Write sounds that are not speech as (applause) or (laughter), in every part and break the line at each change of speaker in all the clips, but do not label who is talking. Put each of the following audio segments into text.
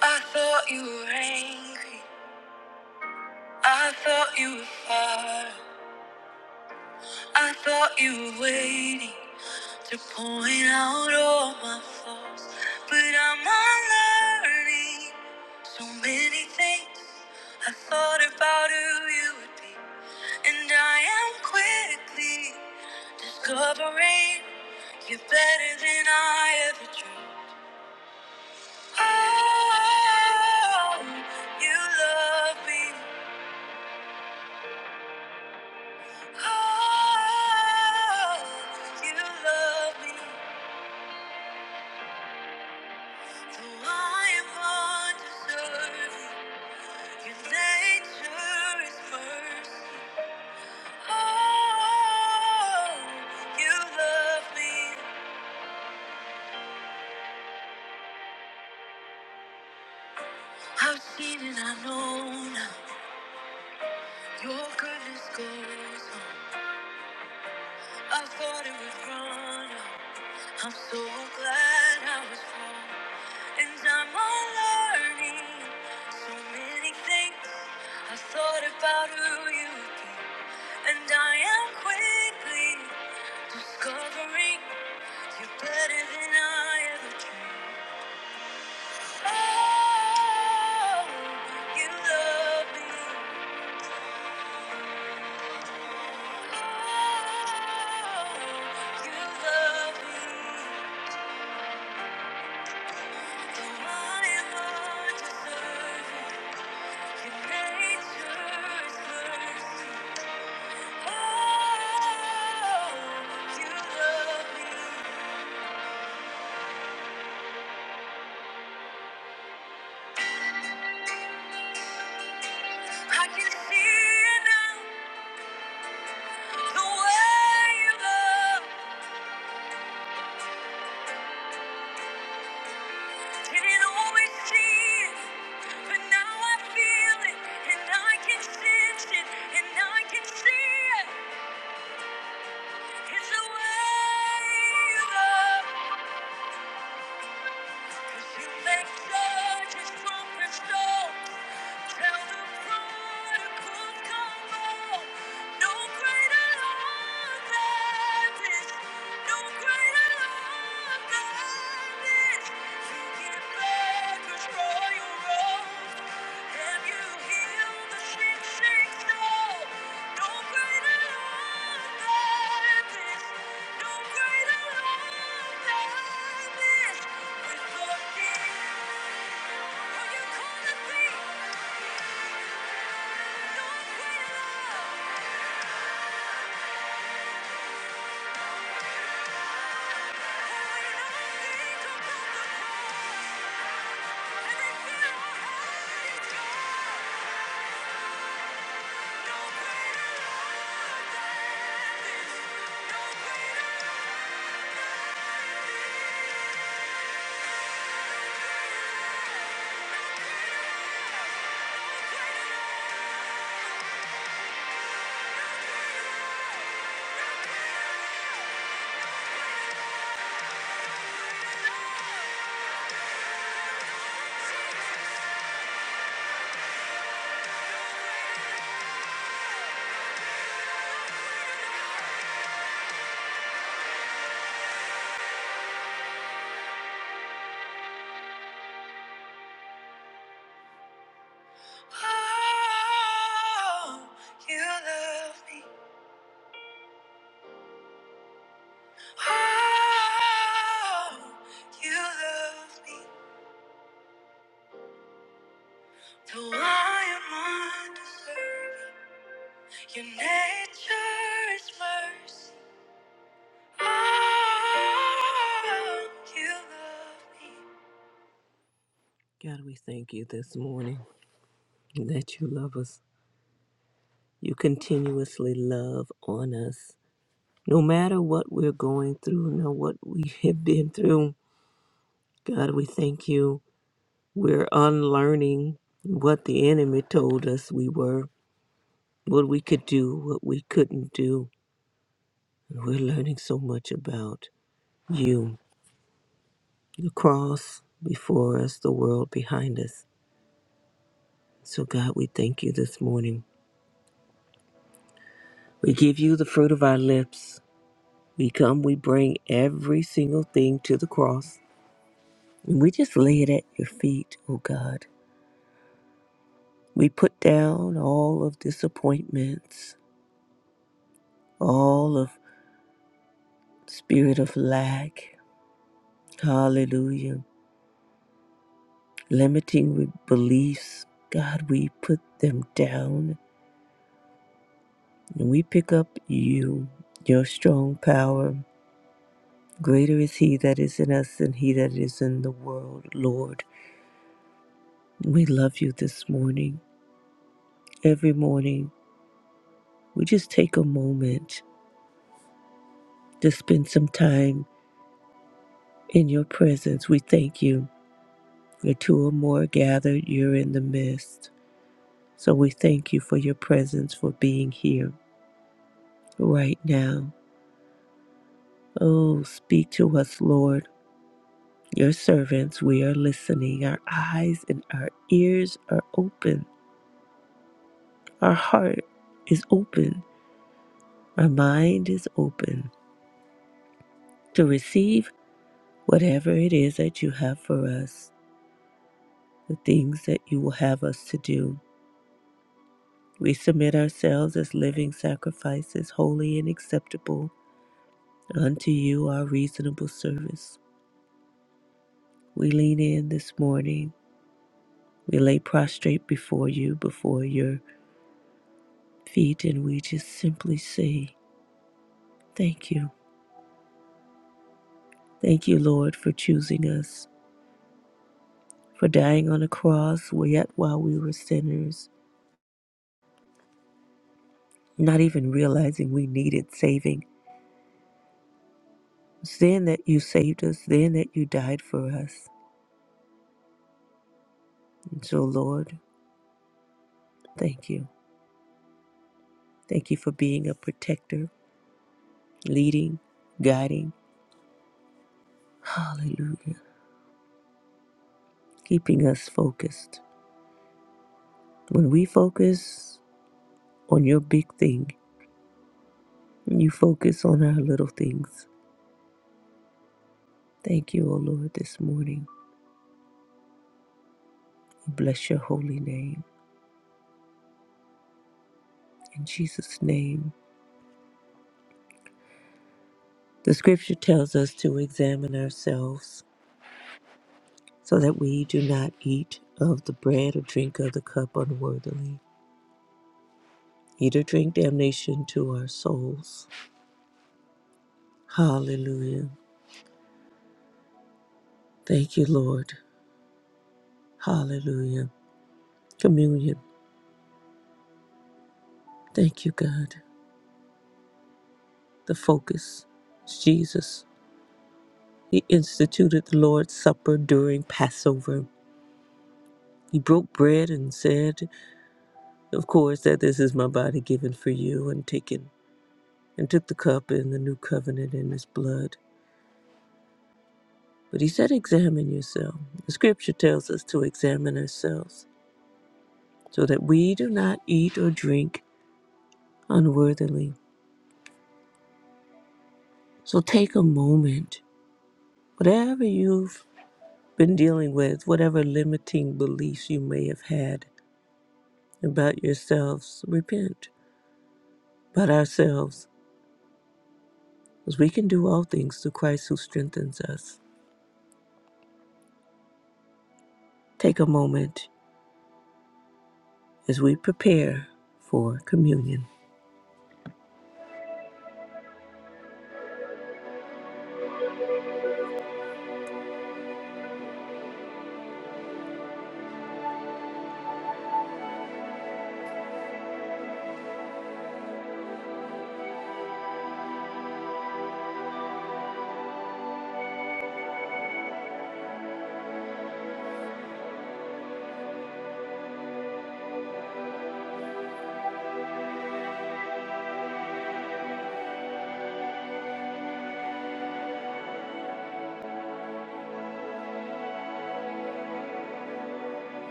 I thought you were angry. I thought you were far. I thought you were waiting to point out all my flaws. But I'm unlearning so many things. I thought about who you would be. And I am quickly discovering you're better than I ever dreamed. Oh, you love me. Your goodness goes on. I thought it was wrong. I'm so glad I was born, and I'm all learning so many things. I thought about who you've been, and I am quickly discovering you're better than I ever dreamed. Oh, you love me. Oh, you love me. Though I am undeserving. I can see it now, the way you love. Didn't always see it, but now I feel it, and I can sense it, and I can see it. It's the way you love. 'Cause you make sure to drop the stone, tell the prodigal come home. No greater love than this. No greater love than this. Don't No greater Oh, you love me. Oh, you love me. Though I am undeserving, your nature is mercy. God, we thank you this morning that you love us. You continuously love on us. No matter what we're going through, no what we (laughs) have been through, God, we thank you. We're unlearning what the enemy told us we were, what we could do, what we couldn't do. And we're learning so much about you, the cross before us, the world behind us. So, God, we thank you this morning. We give you the fruit of our lips. We come, we bring every single thing to the cross, and we just lay it at your feet, oh God. We put down all of disappointments, all of spirit of lack, hallelujah, limiting re- beliefs. God, we put them down and we pick up you, your strong power. Greater is he that is in us than he that is in the world, Lord. We love you this morning. Every morning, we just take a moment to spend some time in your presence. We thank you. Where two or more are gathered, you're in the midst. So we thank you for your presence, for being here right now. Oh, speak to us, Lord. Your servants, we are listening. Our eyes and our ears are open. Our heart is open. Our mind is open to receive Whatever it is that you have for us, the things that you will have us to do, we submit ourselves as living sacrifices, holy and acceptable unto you, our reasonable service. We lean in this morning. We lay prostrate before you, before your feet, and we just simply say, Thank you. Thank you, Lord, for choosing us, for dying on a cross, yet while we were sinners, not even realizing we needed saving then that you saved us, then that you died for us. And so, Lord, thank you. Thank you for being a protector, leading, guiding. Hallelujah. Keeping us focused. When we focus on your big thing, you focus on our little things. Thank you, O Lord, this morning. Bless your holy name. In Jesus' name. The scripture tells us to examine ourselves so that we do not eat of the bread or drink of the cup unworthily either drink damnation to our souls. Hallelujah. Thank you, Lord. Hallelujah. Communion. Thank you, God. The focus is Jesus. He instituted the Lord's Supper during Passover. He broke bread and said, of course, that this is my body given for you and taken, and took the cup in the new covenant in his blood. But he said, Examine yourself. The scripture tells us to examine ourselves so that we do not eat or drink unworthily. So take a moment, whatever you've been dealing with, whatever limiting beliefs you may have had about yourselves, repent about ourselves, as we can do all things through Christ who strengthens us. Take a moment as we prepare for communion.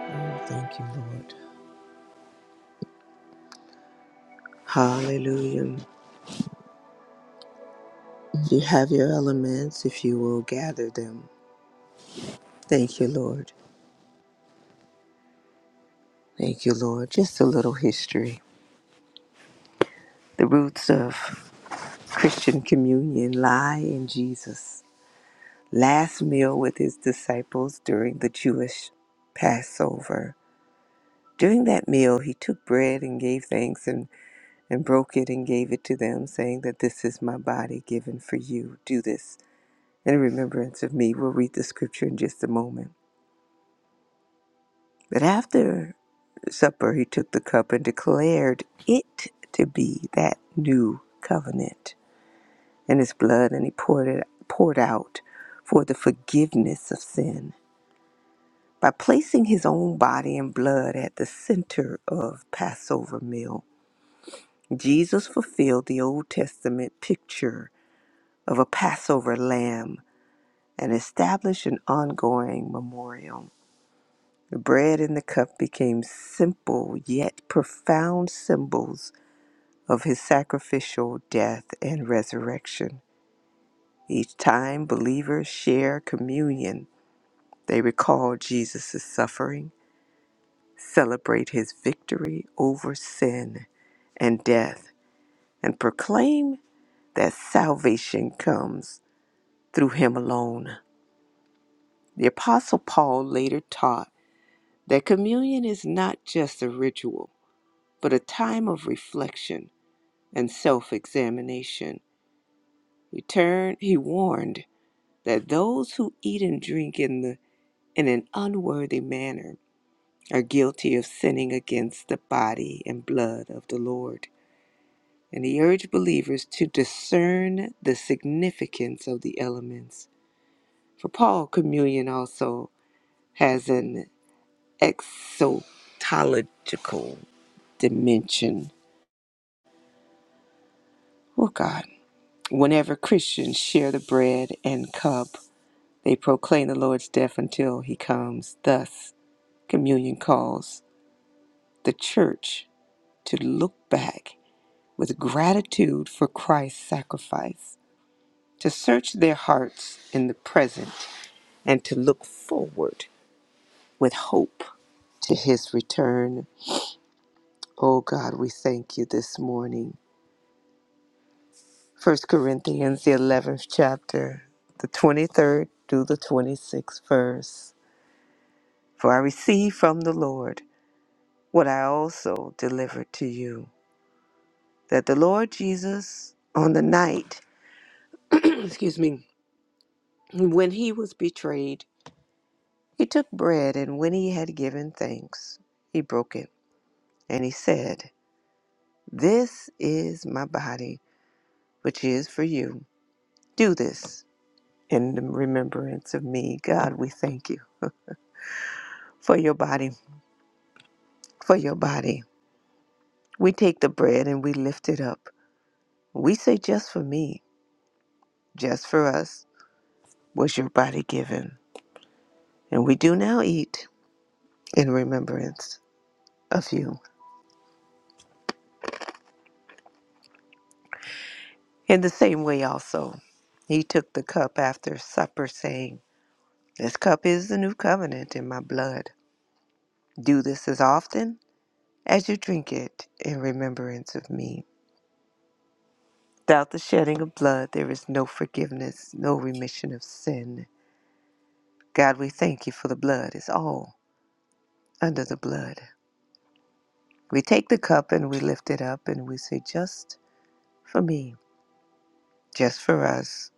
Oh, thank you, Lord. Hallelujah. You have your elements if you will gather them. Thank you, Lord. Thank you, Lord. Just a little history. The roots of Christian communion lie in Jesus' last meal with his disciples during the Jewish Passover. During that meal, he took bread and gave thanks and, and broke it and gave it to them, saying that this is my body given for you. Do this in remembrance of me. We'll read the scripture in just a moment. But after supper, he took the cup and declared it to be that new covenant and his blood and he poured it poured out for the forgiveness of sin by placing his own body and blood at the center of Passover meal. Jesus fulfilled the Old Testament picture of a Passover lamb and established an ongoing memorial. The bread and the cup became simple yet profound symbols of his sacrificial death and resurrection. Each time believers share communion They recall Jesus' suffering, celebrate his victory over sin and death, and proclaim that salvation comes through him alone. The Apostle Paul later taught that communion is not just a ritual, but a time of reflection and self examination. He, turned- he warned that those who eat and drink in, the, in an unworthy manner are guilty of sinning against the body and blood of the Lord. And he urged believers to discern the significance of the elements. For Paul, communion also has an exotological dimension. Oh God. Whenever Christians share the bread and cup, they proclaim the Lord's death until he comes. Thus, communion calls the church to look back with gratitude for Christ's sacrifice, to search their hearts in the present, and to look forward with hope to his return. Oh God, we thank you this morning. First Corinthians, the 11th chapter, the 23rd through the 26th verse. For I received from the Lord what I also delivered to you that the Lord Jesus, on the night, (clears throat) excuse me, when he was betrayed, He took bread, and when he had given thanks, he broke it, and he said, This is my body, which is for you. Do this in the remembrance of me. God, we thank you for your body, for your body. We take the bread and we lift it up. We say, Just for me, just for us was your body given. And we do now eat in remembrance of you. In the same way, also, he took the cup after supper, saying, This cup is the new covenant in my blood. Do this as often as you drink it in remembrance of me. Without the shedding of blood, there is no forgiveness, no remission of sin. God, we thank you for the blood. It's all under the blood. We take the cup and we lift it up and we say, Just for me, just for us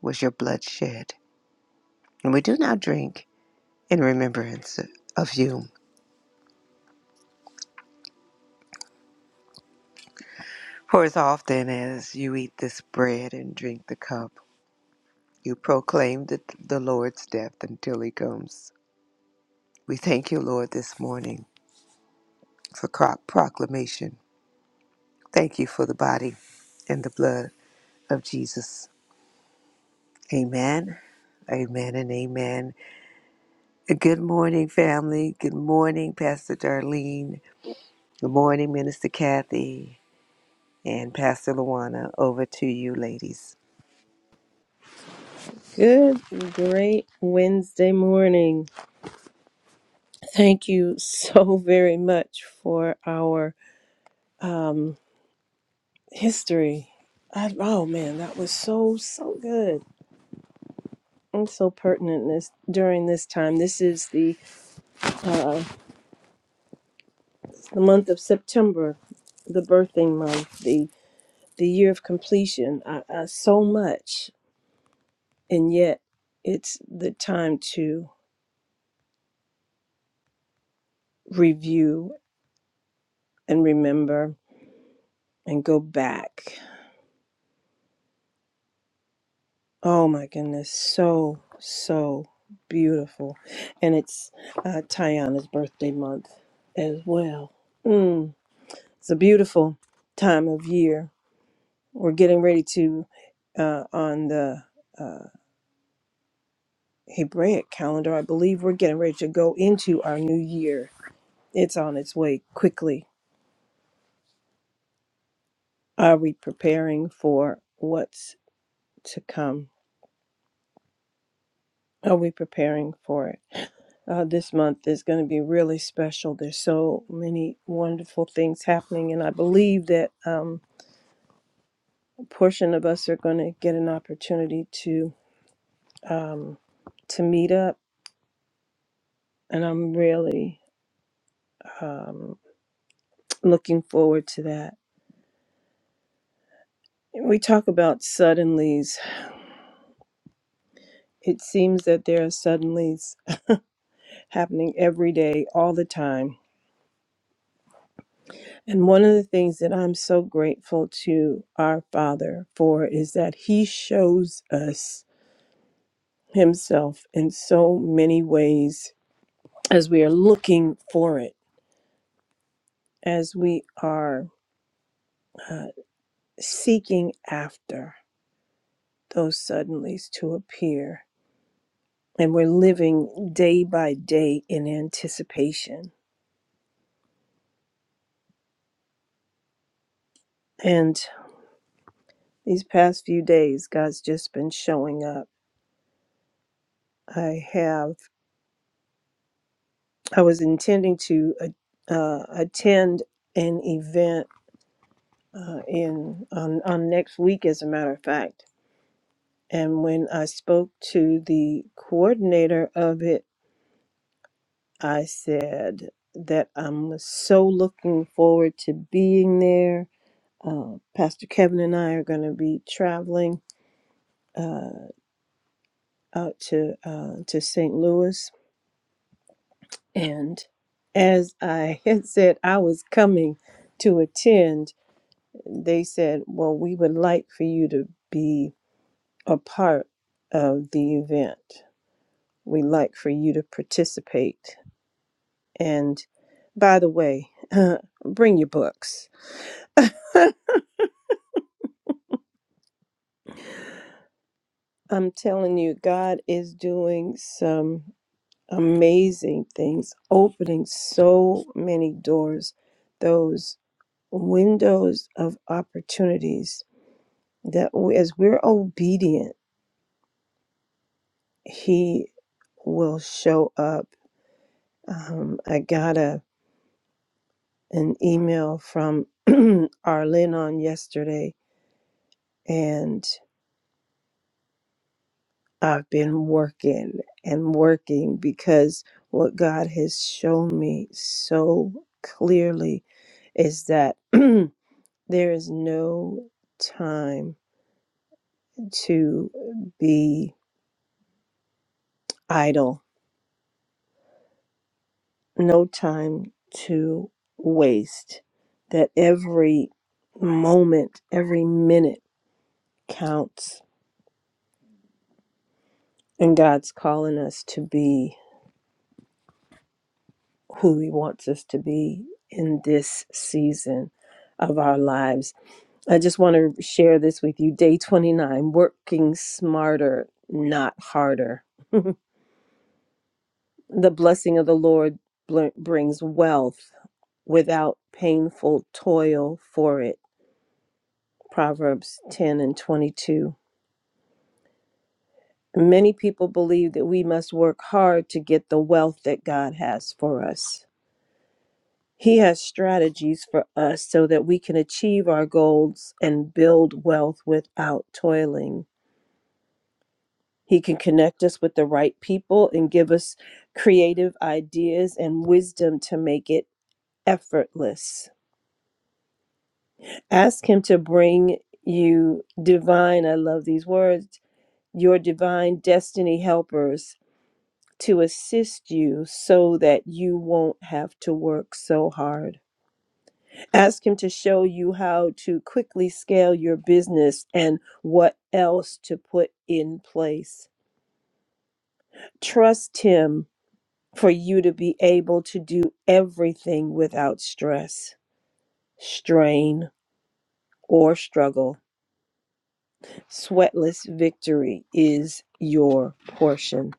was your blood shed. And we do now drink in remembrance of you. For as often as you eat this bread and drink the cup, You proclaim the, the Lord's death until he comes. We thank you, Lord, this morning for cro- proclamation. Thank you for the body and the blood of Jesus. Amen. Amen and amen. Good morning, family. Good morning, Pastor Darlene. Good morning, Minister Kathy and Pastor Luana. Over to you, ladies.
Good, great Wednesday morning. Thank you so (laughs) very much for our um, history. I, oh man, that was so so good and so pertinent this during this time. This is the the month of September, the birthing month, the the year of completion. Uh, uh, so much, and yet it's the time to review and remember and go back Oh my goodness, so so beautiful, and it's uh, Tiana's birthday month as well. Mm, it's a beautiful time of year. We're getting ready to uh, on the uh, Hebraic calendar, I believe. We're getting ready to go into our new year. It's on its way quickly. Are we preparing for what's to come? Are we preparing for it? uh, this month is going to be really special. There's so many wonderful things happening, and I believe that um, a portion of us are going to get an opportunity to um, to meet up, and I'm really um, looking forward to that. We talk about suddenlies. It seems that there are suddenlies happening every day, all the time. And one of the things that I'm so grateful to our Father for is that He shows us himself in so many ways as we are looking for it, as we are uh, seeking after those suddenlies to appear. And we're living day by day in anticipation. And these past few days, God's just been showing up. I have, I was intending to uh, uh, attend an event uh, in on, on next week, as a matter of fact And when I spoke to the coordinator of it, I said that I'm so looking forward to being there. Uh, Pastor Kevin and I are going to be traveling uh, out to uh, to St. Louis, and as I (laughs) had said, I was coming to attend. They said, "Well, we would like for you to be a part of the event. We'd like for you to participate." And by the way, (laughs) bring your books. I'm telling you, God is doing some amazing things, opening so many doors, those windows of opportunities that we, as we're obedient, He will show up. Um, I got a an email from (clears throat) Arlen on yesterday, and I've been working and working because what God has shown me so clearly is that (clears throat) there is no time to be idle, no time to waste, that every moment, every minute counts. And God's calling us to be who He wants us to be in this season of our lives I just want to share this with you. Day 29, working smarter, not harder. (laughs) the blessing of the Lord bl- brings wealth without painful toil for it. Proverbs 10 and 22. Many people believe that we must work hard to get the wealth that God has for us. He has strategies for us so that we can achieve our goals and build wealth without toiling. He can connect us with the right people and give us creative ideas and wisdom to make it effortless. Ask Him to bring you divine, I love these words, your divine destiny helpers to assist you so that you won't have to work so hard. Ask Him to show you how to quickly scale your business and what else to put in place. Trust Him for you to be able to do everything without stress, strain, or struggle. Sweatless victory is your portion.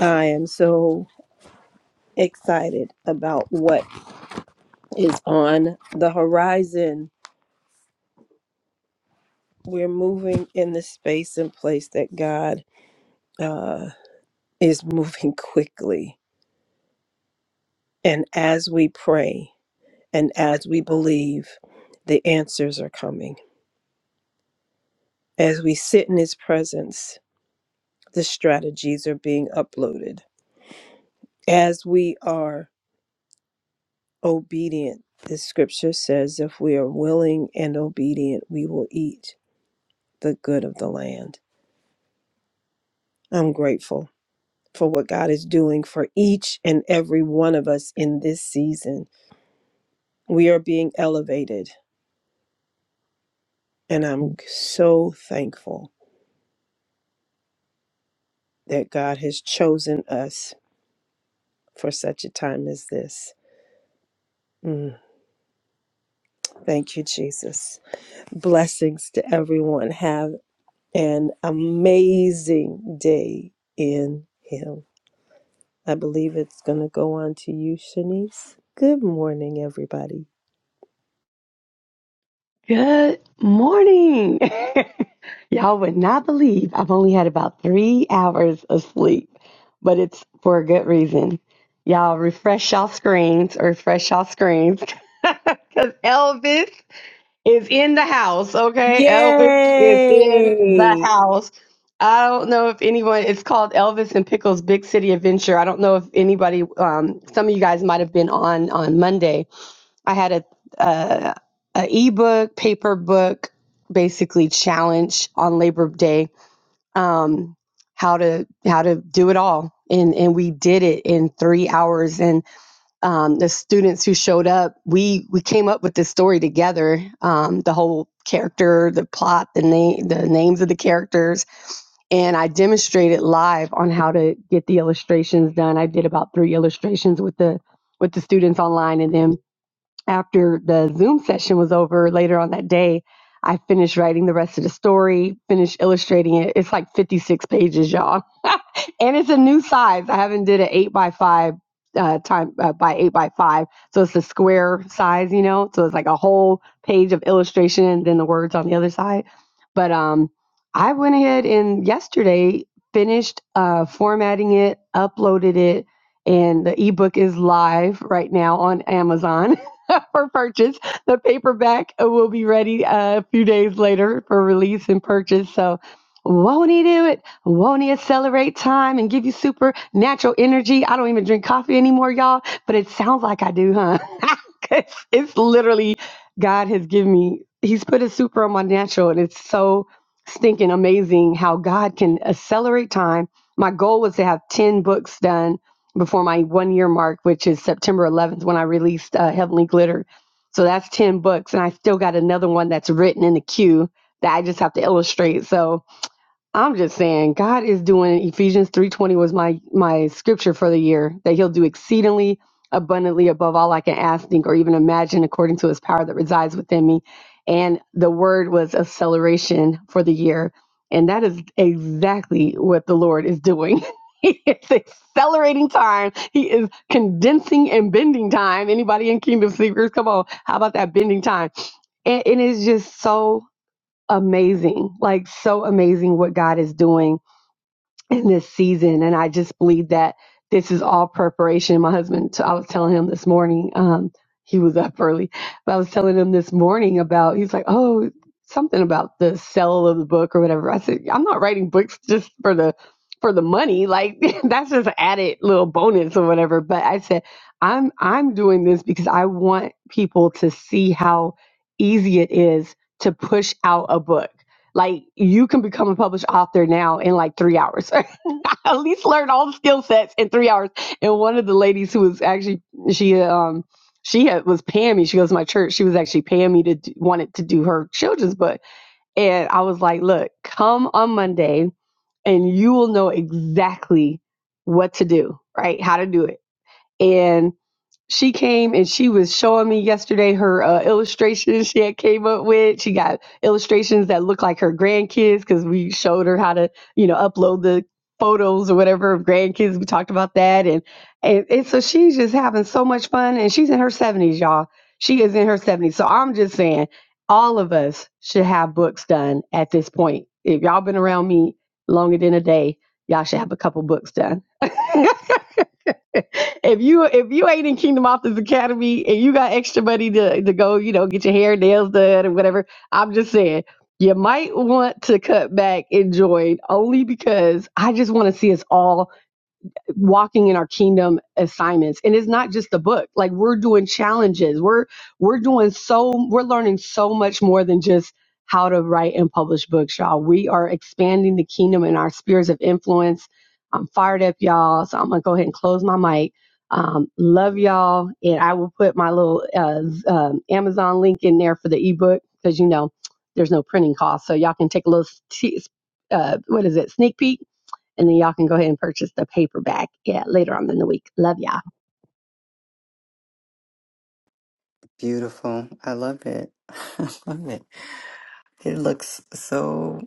I am so excited about what is on the horizon. We're moving in the space and place that God uh, is (laughs) moving quickly. And as we pray and as we believe, the answers are coming. As we sit in His presence, the strategies are being uploaded. As we are obedient, the scripture says, if we are willing and obedient, we will eat the good of the land. I'm grateful for what God is doing for each and every one of us in this season. We are being elevated, and I'm so thankful that God has chosen us for such a time as this. Mm, thank you, Jesus. Blessings to everyone. Have an amazing day in Him. I believe it's going to go on to you, Shanice. Good morning, everybody.
Good morning. (laughs) Y'all would not believe I've only had about three hours of sleep, but it's for a good reason. Y'all refresh y'all screens, refresh y'all screens, (laughs) because Elvis is in the house, okay? Elvis is in the
Yay!
house. I don't know if anyone, it's called Elvis and Pickles Big City Adventure. I don't know if anybody, um, some of you guys might have been on on Monday I had a, a a ebook, paper book, basically challenge on Labor Day, um, how to how to do it all, and and we did it in three hours. And um, the students who showed up, we we came up with this story together, um, the whole character, the plot, the name, the names of the characters, and I demonstrated live on how to get the illustrations done. I did about three illustrations with the with the students online, and then after the Zoom session was over later on that day, I finished writing the rest of the story, finished illustrating it. It's like 56 pages, y'all and it's a new size. I haven't did an eight by five uh, time uh, by eight by five, so it's a square size, you know. So it's like a whole page of illustration and then the words on the other side. But um, I went ahead and yesterday finished uh, formatting it, uploaded it, and the ebook is live right now on Amazon. (laughs) For purchase, the paperback will be ready uh, a few days later for release and purchase. So, won't he do it? Won't he accelerate time and give you supernatural energy? I don't even drink coffee anymore, y'all, but it sounds like I do, huh? (laughs) 'Cause it's literally God has given me, He's put a super on my natural, and it's so stinking amazing how God can accelerate time. My goal was to have 10 books done before my one year mark, which is September 11th when I released uh, Heavenly Glitter. So that's 10 books, and I still got another one that's written in the queue that I just have to illustrate. So, I'm just saying God is doing Ephesians 3:20 was my my scripture for the year that he'll do exceedingly abundantly above all I can ask think or even imagine according to his power that resides within me and the word was acceleration for the year and that is exactly what the Lord is doing. (laughs) He is accelerating time. He is condensing and bending time. Anybody in Kingdom Seekers, Come on. How about that bending time? And, and it's just so amazing, like so amazing what God is doing in this season. And I just believe that this is all preparation. My husband, I was telling him this morning, um, he was up early, but I was telling him this morning about, he's like, oh, something about the sale of the book or whatever. I said, I'm not writing books just for the for the money like (laughs) that's just added little bonus or whatever but i said i'm i'm doing this because i want people to see how easy it is to push out a book like you can become a published author now in like three hours. (laughs) At least learn all the skill sets in three hours. And one of the ladies who was actually she um she had, was paying me. She goes to my church. She was actually paying me to do, wanted to do her children's book. And I was like, look, come on Monday and you will know exactly what to do, right? How to do it. and she came and she was showing me yesterday her uh, illustrations she had came up with. She got illustrations that look like her grandkids because we showed her how to, you know, upload the photos or whatever of grandkids. We talked about that, and and, and so she's just having so much fun, and she's in her seventies, y'all. She is in her seventies. So I'm just saying, all of us should have books done at this point. If y'all been around me longer than a day, y'all should have a couple books done. (laughs) (laughs) if you if you ain't in Kingdom Authors Academy and you got extra money to, to go, you know, get your hair nails done and whatever, I'm just saying you might want to cut back and join only because I just want to see us all walking in our kingdom assignments and it's not just the book like we're doing challenges we're we're doing so we're learning so much more than just how to write and publish books y'all we are expanding the kingdom in our spheres of influence i'm fired up y'all so i'm gonna go ahead and close my mic um, love y'all and i will put my little uh, um, amazon link in there for the ebook because you know there's no printing cost so y'all can take a little t- uh, what is it sneak peek and then y'all can go ahead and purchase the paperback yeah later on in the week love y'all
Beautiful. I love it. (laughs) I love it. It looks so,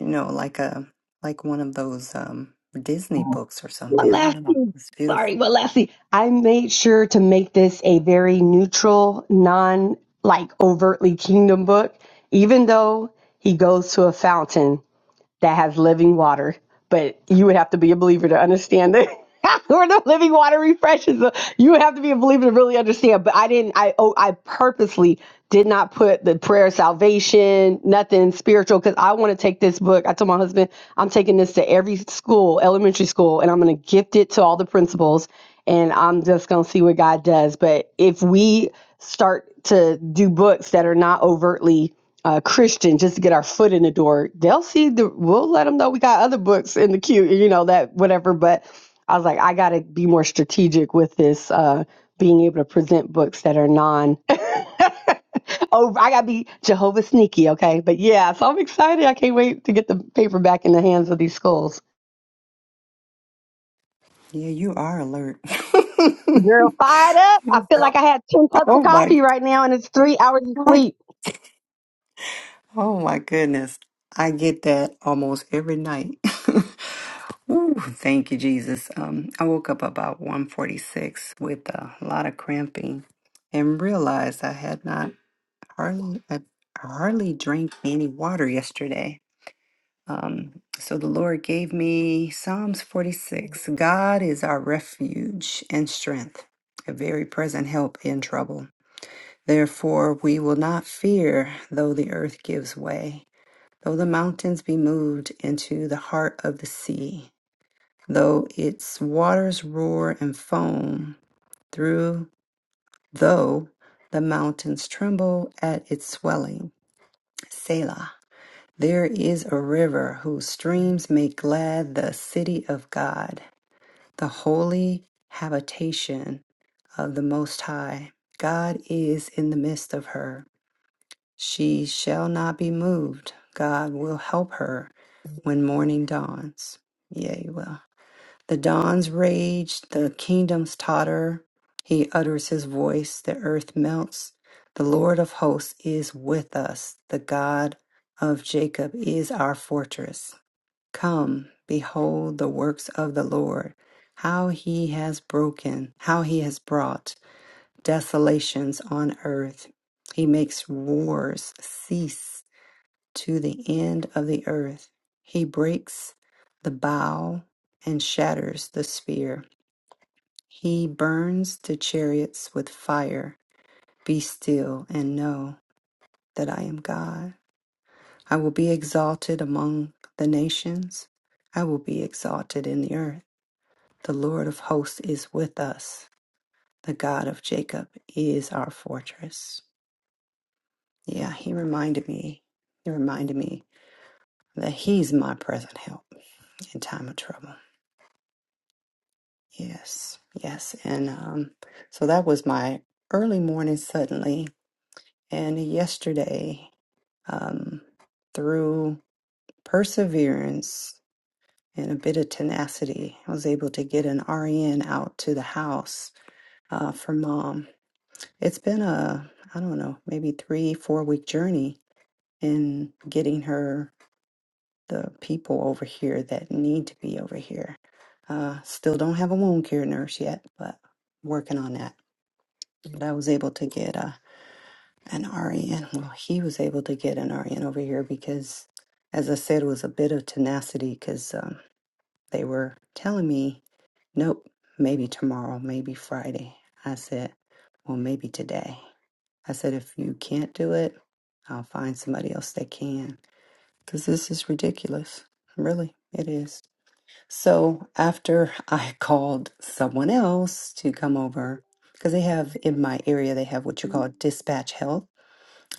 you know, like a like one of those um Disney books or something.
one
I don't
last
know.
thing
It's beautiful.
sorry one last thing i made sure to make this a very neutral non like overtly kingdom book even though he goes to a fountain that has living water. But you would have to be a believer to understand that (laughs) Or the living water refreshes. uh, You would have to be a believer to really understand. But I didn't. I oh, I purposely did not put the prayer of salvation, nothing spiritual, because I want to take this book. I told my husband I'm taking this to every school, elementary school, and I'm going to gift it to all the principals, and I'm just going to see what God does. But if we start to do books that are not overtly uh, Christian just to get our foot in the door. They'll see the. We'll let them know we got other books in the queue. You know that whatever. But I was like, I got to be more strategic with this. Uh, being able to present books that are non. (laughs) oh, I got to be Jehovah sneaky, okay? But yeah, so I'm excited. I can't wait to get the paper back in the hands of these schools.
Yeah, you are alert. (laughs)
Girl, fired up! I
You-
feel like I had ten cups of
oh my
coffee right now, and it's three hours of
god.
sleep.
Oh my goodness. I get that almost every night. (laughs) Ooh, thank you, Jesus. Um, I woke up about 146 with a lot of cramping and realized I had not hardly I hardly drank any water yesterday. Um, so the Lord gave me Psalms 46. God is our refuge and strength, a very present help in trouble. Therefore, we will not fear though the earth gives way, though the mountains be moved into the heart of the sea, though its waters roar and foam through, though the mountains tremble at its swelling. Selah. There is a river whose streams make glad the city of God, the holy habitation of the Most High. God is in the midst of her. She shall not be moved. God will help her when morning dawns. Yea, well. The dawns rage, the kingdoms totter. He utters his voice, the earth melts. The Lord of hosts is with us. The God of Jacob is our fortress. Come, behold the works of the Lord, how he has broken, how he has brought desolations on earth. He makes wars cease to the end of the earth. He breaks the bow and shatters the spear. He burns the chariots with fire. Be still and know that I am God. I will be exalted among the nations. I will be exalted in the earth. The Lord of hosts is with us. The God of Jacob is our fortress. Yeah, he reminded me. He reminded me that he's my present help in time of trouble. Yes, yes. And um, so that was my early morning suddenly. And yesterday, um, through perseverance and a bit of tenacity, I was able to get an RN out to the house uh, for mom. It's been a, I don't know, maybe three, four week journey in getting her the people over here that need to be over here. Uh, still don't have a wound care nurse yet, but working on that. But I was able to get uh, an RN. Well, he was able to get an RN over here because, as I said, it was a bit of tenacity because um, they were telling me, nope, maybe tomorrow, maybe Friday. I said, well, maybe today. I said, if you can't do it, I'll find somebody else that can because this is ridiculous. Really, it is. So after I (laughs) called someone else to come over, because they have in my area, they have what you call dispatch health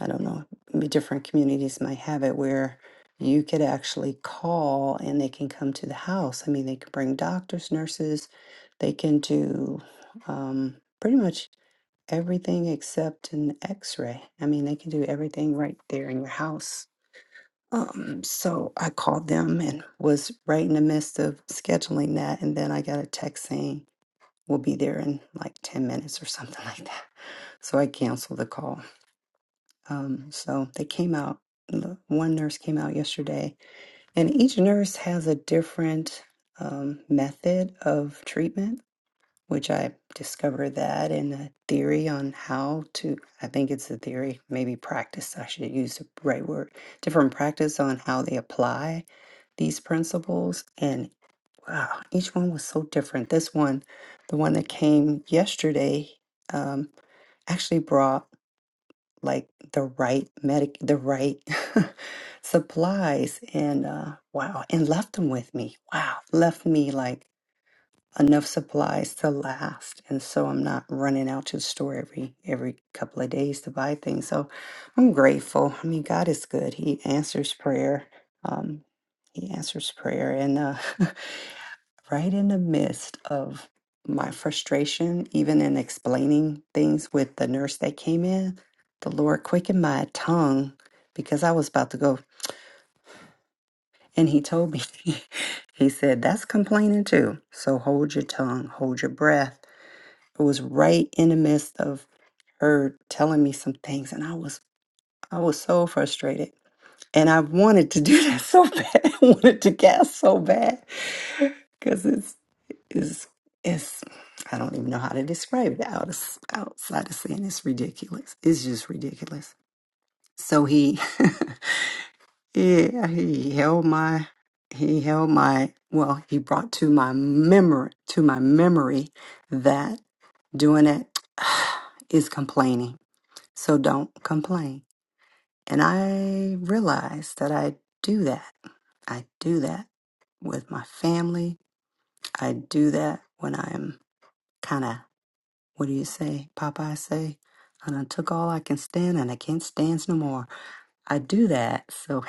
I don't know, maybe different communities might have it where you could actually call and they can come to the house. I mean, they could bring doctors, nurses, they can do um, pretty much everything except an x ray. I mean, they can do everything right there in your house. Um, so I called them and was right in the midst of scheduling that. And then I got a text saying, we'll be there in like 10 minutes or something like that. So I canceled the call. Um, so they came out, the- one nurse came out yesterday, and each nurse has a different um, method of treatment, which I discovered that in a theory on how to, I think it's a theory, maybe practice, I should use the right word, different practice on how they apply these principles. And wow, each one was so different. This one, the one that came yesterday, um, actually brought like the right medic, the right (laughs) supplies, and uh, wow, and left them with me. Wow, left me like enough supplies to last, and so I'm not running out to the store every every couple of days to buy things. So I'm grateful. I mean, God is good. He answers prayer. Um, he answers prayer, and uh, (laughs) right in the midst of my frustration, even in explaining things with the nurse that came in, the Lord quickened my tongue because I was about to go. And he told me, (laughs) he said, that's complaining too. So hold your tongue, hold your breath. It was right in the midst of her telling me some things. And I was, I was so frustrated. And I wanted to do that so (laughs) bad. I wanted to gasp so bad because it's is it's I don't even know how to describe it out outside of saying it's ridiculous. It's just ridiculous. So he (laughs) yeah, he held my he held my well, he brought to my memory to my memory that doing it (sighs) is complaining. So don't complain. And I realized that I do that. I do that with my family. I do that when I'm kind of What do you say? Popeye say, and I done took all I can stand and I can't stand no more. I do that, so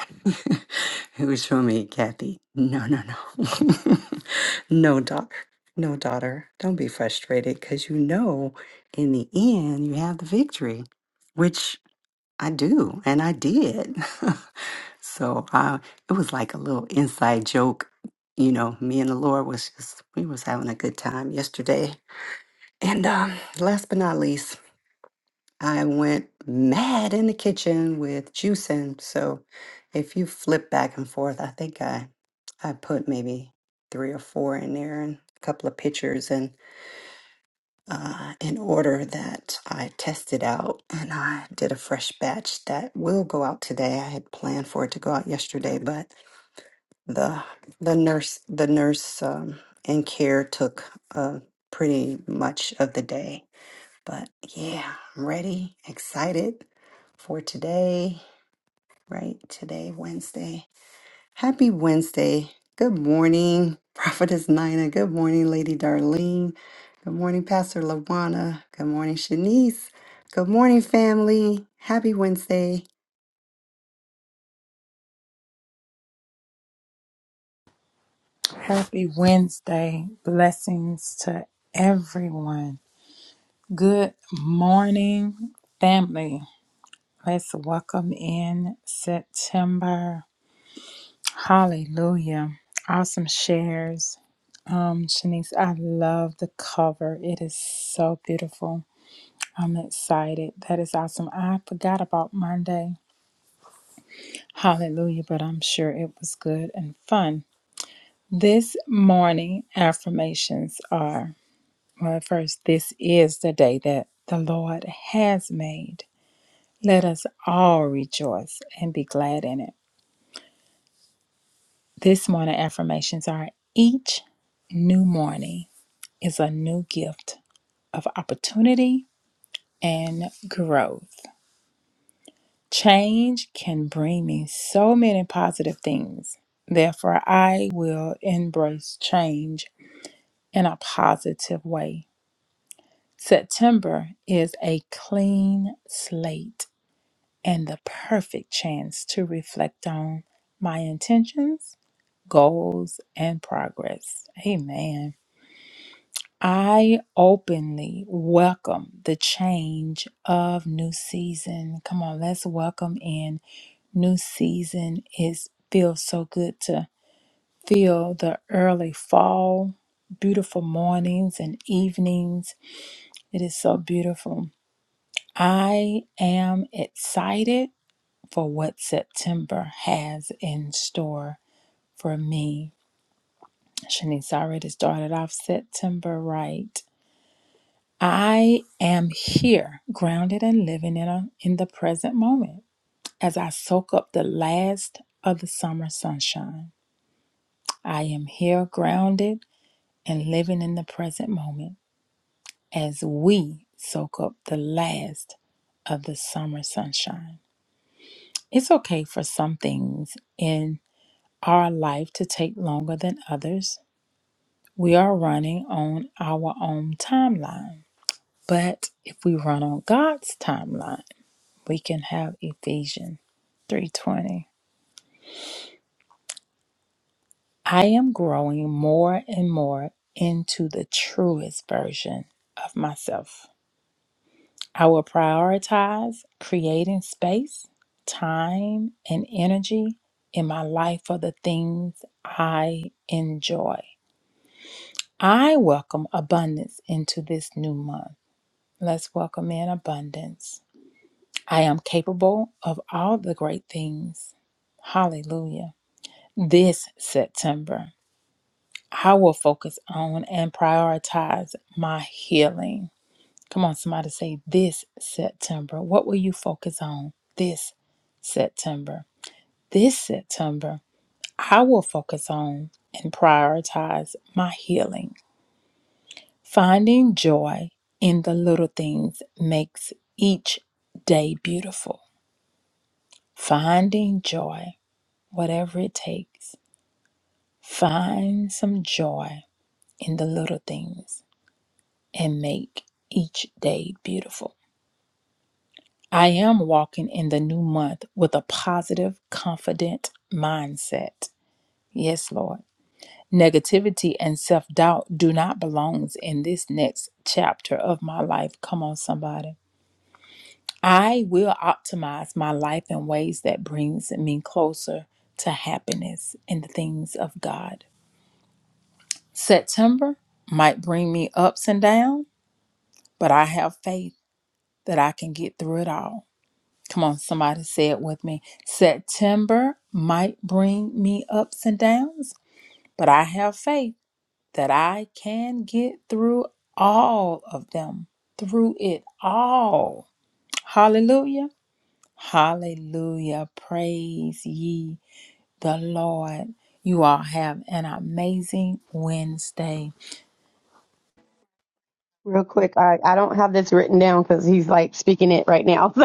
(laughs) it was for me, Kathy. No, no, no. (laughs) no, daughter. No, daughter. Don't be frustrated because you know in the end you have the victory, which I do, and I did. (laughs) so I, it was like a little inside joke. You know, me and the Lord was just, we was having a good time yesterday and um, last but not least, I went mad in the kitchen with juicing. So if you flip back and forth, I think I I put maybe three or four in there and a couple of pictures and uh, in order that I tested out and I did a fresh batch that will go out today. I had planned for it to go out yesterday, but the the nurse the nurse um, in care took uh, pretty much of the day but yeah, I'm ready, excited for today, right? Today, Wednesday. Happy Wednesday. Good morning, (laughs) Prophetess Nina. Good morning, Lady Darlene. Good morning, Pastor Lawana. Good morning, Shanice. Good morning, family. Happy Wednesday.
Happy Wednesday. Blessings to everyone. Good morning, family. Let's welcome in September. Hallelujah. Awesome shares. Um, Shanice, I love the cover. It is so beautiful. I'm excited. That is awesome. I forgot about Monday. Hallelujah, but I'm sure it was good and fun. This morning affirmations are. Well, first, this is the day that the Lord has made. Let us all rejoice and be glad in it. This morning affirmations are each new morning is a new gift of opportunity and growth. Change can bring me so many positive things. Therefore, I will embrace change in a positive way. September is a clean slate. and the perfect chance to reflect on my intentions, goals, and progress. Amen. I openly welcome the change of new season. Come on, let's welcome in new season. It feels so good to feel the early fall, beautiful mornings and evenings. It is so beautiful. I am excited for what September has in store for me. Shanice already started off September right. I am here, grounded and living in a, in the present moment as I soak up the last of the summer sunshine. I am here, grounded and living in the present moment as we soak up the last of the summer sunshine. It's okay for some things in. our life to take longer than others. We are running on our own timeline. But if we run on God's timeline, we can have Ephesians 3:20. I am growing more and more into the truest version of myself. I will prioritize creating space, time, and energy in my life for the things I enjoy. I welcome abundance into this new month. Let's welcome in abundance. I am capable of all the great things. Hallelujah. This September, I will focus on and prioritize my healing. Come on, somebody say this September. What will you focus on this September? This September, I will focus on and prioritize my healing. Finding joy in the little things makes each day beautiful. Finding joy, whatever it takes, find some joy in the little things and make each day beautiful. I am walking in the new month with a positive, confident mindset. Yes, Lord. Negativity and self doubt do not belong in this next chapter of my life. Come on, somebody. I will optimize my life in ways that brings me closer to happiness in the things of God. September might bring me ups and downs, but I have faith that I can get through it all. Come on, somebody say it with me. September might bring me ups and downs, but I have faith that I can get through all of them, through it all. Hallelujah. Hallelujah. Praise ye the Lord. You all have an amazing Wednesday.
Real quick, I, I don't have this written down because he's like speaking it right now. (laughs)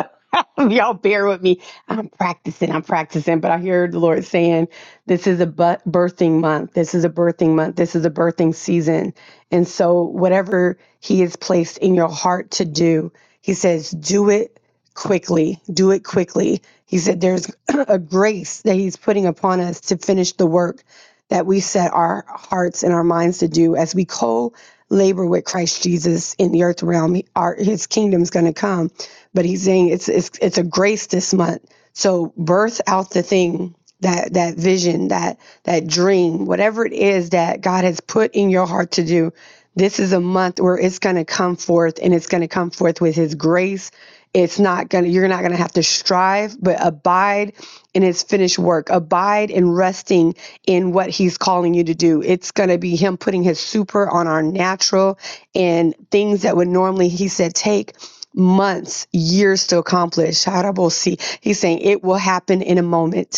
So y'all bear with me. I'm practicing, I'm practicing, but I hear the Lord saying, this is a bu- birthing month. This is a birthing month. This is a birthing season. And so, whatever He has placed in your heart to do, He says, do it quickly. Do it quickly. He said, there's (clears throat) a grace that He's putting upon us to finish the work that we set our hearts and our minds to do as we co labor with Christ Jesus in the earth realm. He- Our, his kingdom's going to come. But He's saying it's, it's, it's a grace this month. So, birth out the thing that that vision that that dream whatever it is that god has put in your heart to do this is a month where it's going to come forth and it's going to come forth with his grace it's not going to you're not going to have to strive but abide in his finished work abide in resting in what he's calling you to do it's going to be him putting his super on our natural and things that would normally he said take months years to accomplish Harabosi. he's saying it will happen in a moment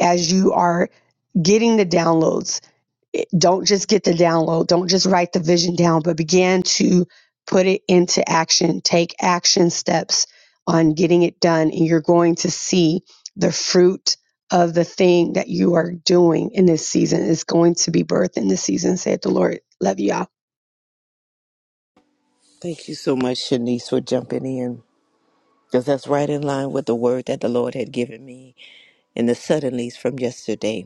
as you are getting the downloads. Don't just get the download, don't just write the vision down, but begin to put it into action. Take action steps on getting it done, and you're going to see the fruit of the thing that you are doing in this season is going to be birthed in this season, said the Lord. Love y'all.
Thank you so much, Shanice, for jumping in because that's right in line with the word that the Lord had given me in the suddenlies from yesterday.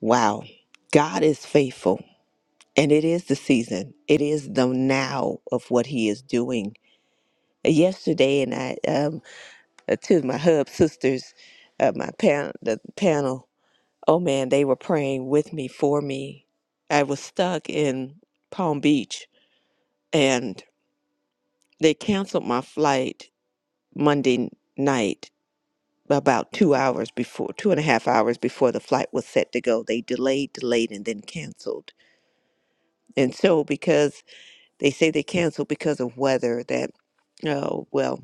Wow. God is faithful. And it is the season. It is the now of what he is doing. Yesterday, and I, um, uh, two of my hub sisters, uh, my pan- the panel, oh man, they were praying with me for me. I was stuck in Palm Beach and they canceled my flight Monday night about two hours before, two and a half hours before the flight was set to go. They delayed, delayed, and then canceled. And so, because They say they canceled because of weather that, oh, well,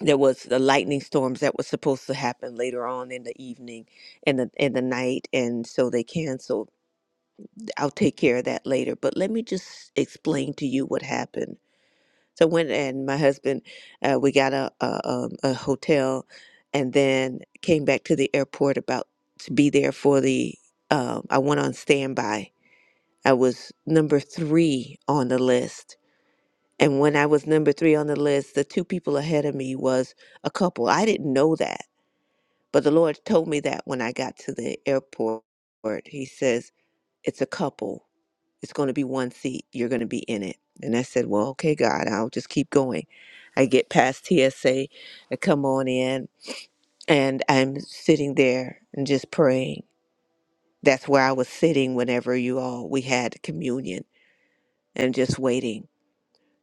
there was the lightning storms that was supposed to happen later on in the evening and the, and the night. And so they canceled. I'll take care of that later. But let me just explain to you what happened. So I went and my husband, uh, we got a, a, um, a hotel and then came back to the airport about to be there for the, um, I went on standby. I was number three on the list And when I was number three on the list, the two people ahead of me was a couple. I didn't know that, but the Lord told me that when I got to the airport. He says, It's a couple. It's going to be one seat. You're going to be in it. And I said, Well, okay, God, I'll just keep going. I get past TSA, I come on in, and I'm sitting there and just praying. That's where I was sitting whenever you all, we had communion and just waiting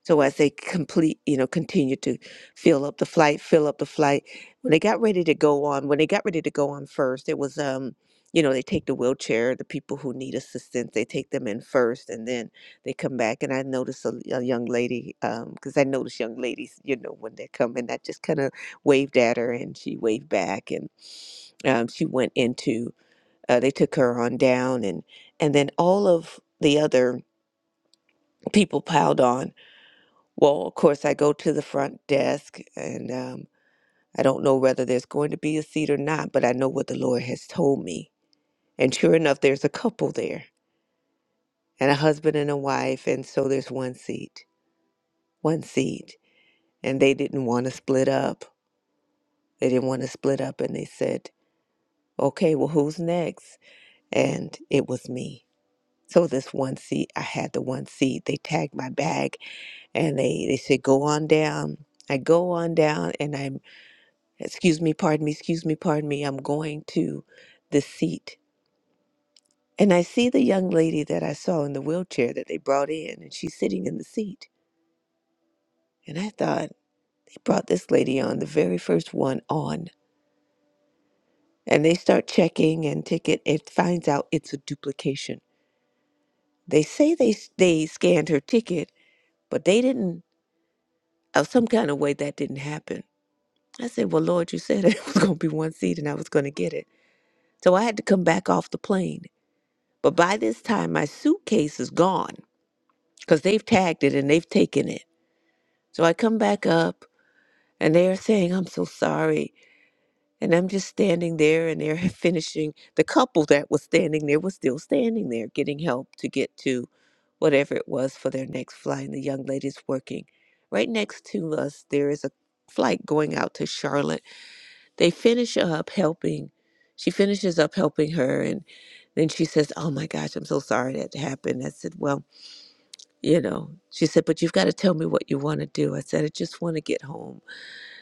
So as they complete, you know, continue to fill up the flight, fill up the flight. When they got ready to go on, when they got ready to go on first, it was um, you know, they take the wheelchair, the people who need assistance, they take them in first, and then they come back. And I noticed a, a young lady, um, because I noticed young ladies, you know, when they come in, I just kind of waved at her, and she waved back, and um, she went into. Uh, they took her on down, and and then all of the other people piled on well, of course, I go to the front desk, and um, I don't know whether there's going to be a seat or not, but I know what the Lord has told me. And sure enough, there's a couple there, and a husband and a wife, and so there's one seat, one seat. And they didn't want to split up. They didn't want to split up, and they said, okay, well, who's next? And it was me. So this one seat, I had the one seat. They tagged my bag, and they, they said, go on down. I go on down, and I Excuse me, pardon me, excuse me, pardon me. I'm going to the seat. And I see the young lady that I saw in the wheelchair that they brought in, and she's sitting in the seat. And I thought, they brought this lady on, the very first one on. And they start checking and ticket. It finds out it's a duplication. They say they, they scanned her ticket, but they didn't, of some kind of way, that didn't happen. I said, Well, Lord, you said (laughs) it was going to be one seat and I was going to get it. So I had to come back off the plane But by this time, my suitcase is gone because they've tagged it and they've taken it. So I come back up and they are saying, I'm so sorry. And I'm just standing there and they're (laughs) finishing. The couple that was standing there was still standing there getting help to get to whatever it was for their next flight. And the young lady's working. Right next to us, there is a flight going out to Charlotte. They finish up helping. She finishes up helping her. And then she says, Oh my gosh, I'm so sorry that happened. I said, Well, you know she said but you've got to tell me what you want to do i said i just want to get home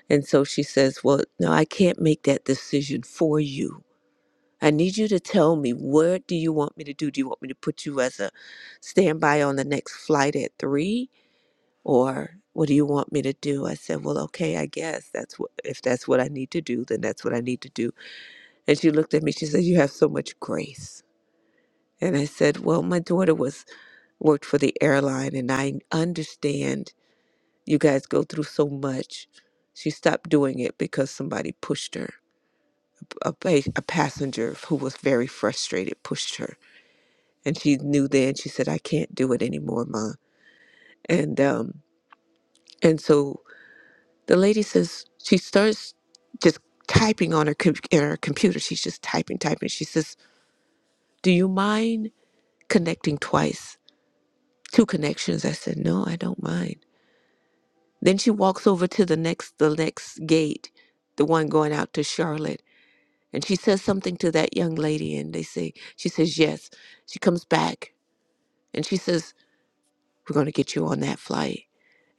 and so she says well no i can't make that decision for you i need you to tell me what do you want me to do do you want me to put you as a standby on the next flight at three or what do you want me to do i said well okay i guess that's what if that's what i need to do then that's what i need to do and she looked at me she said you have so much grace and i said well my daughter was worked for the airline and i understand You guys go through so much. She stopped doing it because somebody pushed her. A, pa- a passenger who was very frustrated pushed her. And she knew then, she said, I can't do it anymore, Mom. And, um, and so the lady says, she starts just typing on her, com- in her computer. She's just typing, typing. She says, Do you mind connecting twice? Two connections. I said, No, I don't mind. Then she walks over to the next the next gate, the one going out to Charlotte. and she says something to that young lady and they say she says yes she comes back and she says we're going to get you on that flight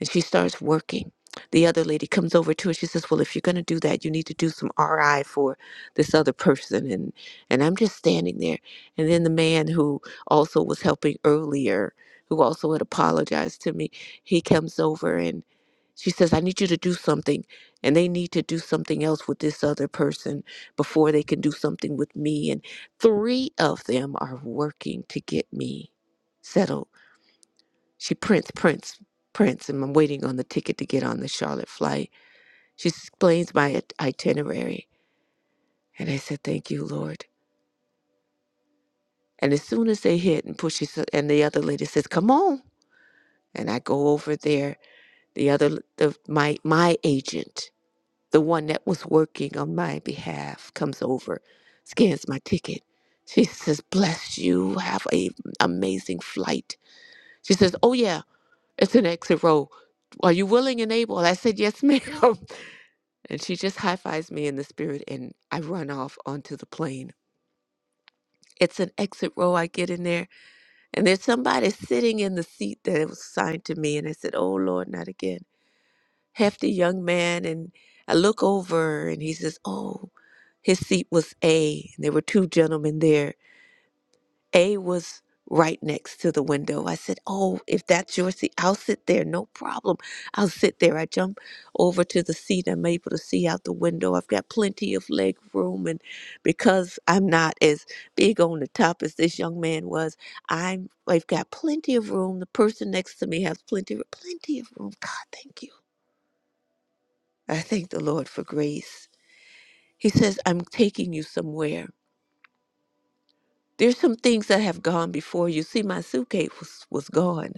and she starts working. The other lady comes over to her. She says, "Well, if you're going to do that, you need to do some RI for this other person." And and I'm just standing there. And then the man who also was helping earlier, who also had apologized to me, he comes over and she says, "I need you to do something, and they need to do something else with this other person before they can do something with me." And three of them are working to get me settled she prints, prints, prints, and I'm waiting on the ticket to get on the Charlotte flight. She explains my it- itinerary, and I said, "Thank you, Lord." And as soon as they hit and pushes, and the other lady says, "Come on," and I go over there. The other, the my my agent, the one that was working on my behalf, comes over, scans my ticket. She says, "Bless you. Have a amazing flight." She says, "Oh yeah, it's an exit row." Are you willing and able? I said, Yes, ma'am. (laughs) And she just high fives me in the spirit, and I run off onto the plane. It's an exit row. I get in there, and there's somebody sitting in the seat that was assigned to me. And I said, Oh, Lord, not again. Hefty young man. And I look over, and he says, Oh, his seat was A. And there were two gentlemen there A was right next to the window. I said, Oh, if that's your seat, I'll sit there, no problem. I'll sit there. I jump over to the seat. I'm able to see out the window. I've got plenty of leg room. And because I'm not as big on the top as this young man was, I'm, I've got plenty of room. The person next to me has plenty, plenty of room. God, thank you. I thank the Lord for grace. He says, I'm taking you somewhere. There's some things that have gone before you. See, my suitcase was, was gone.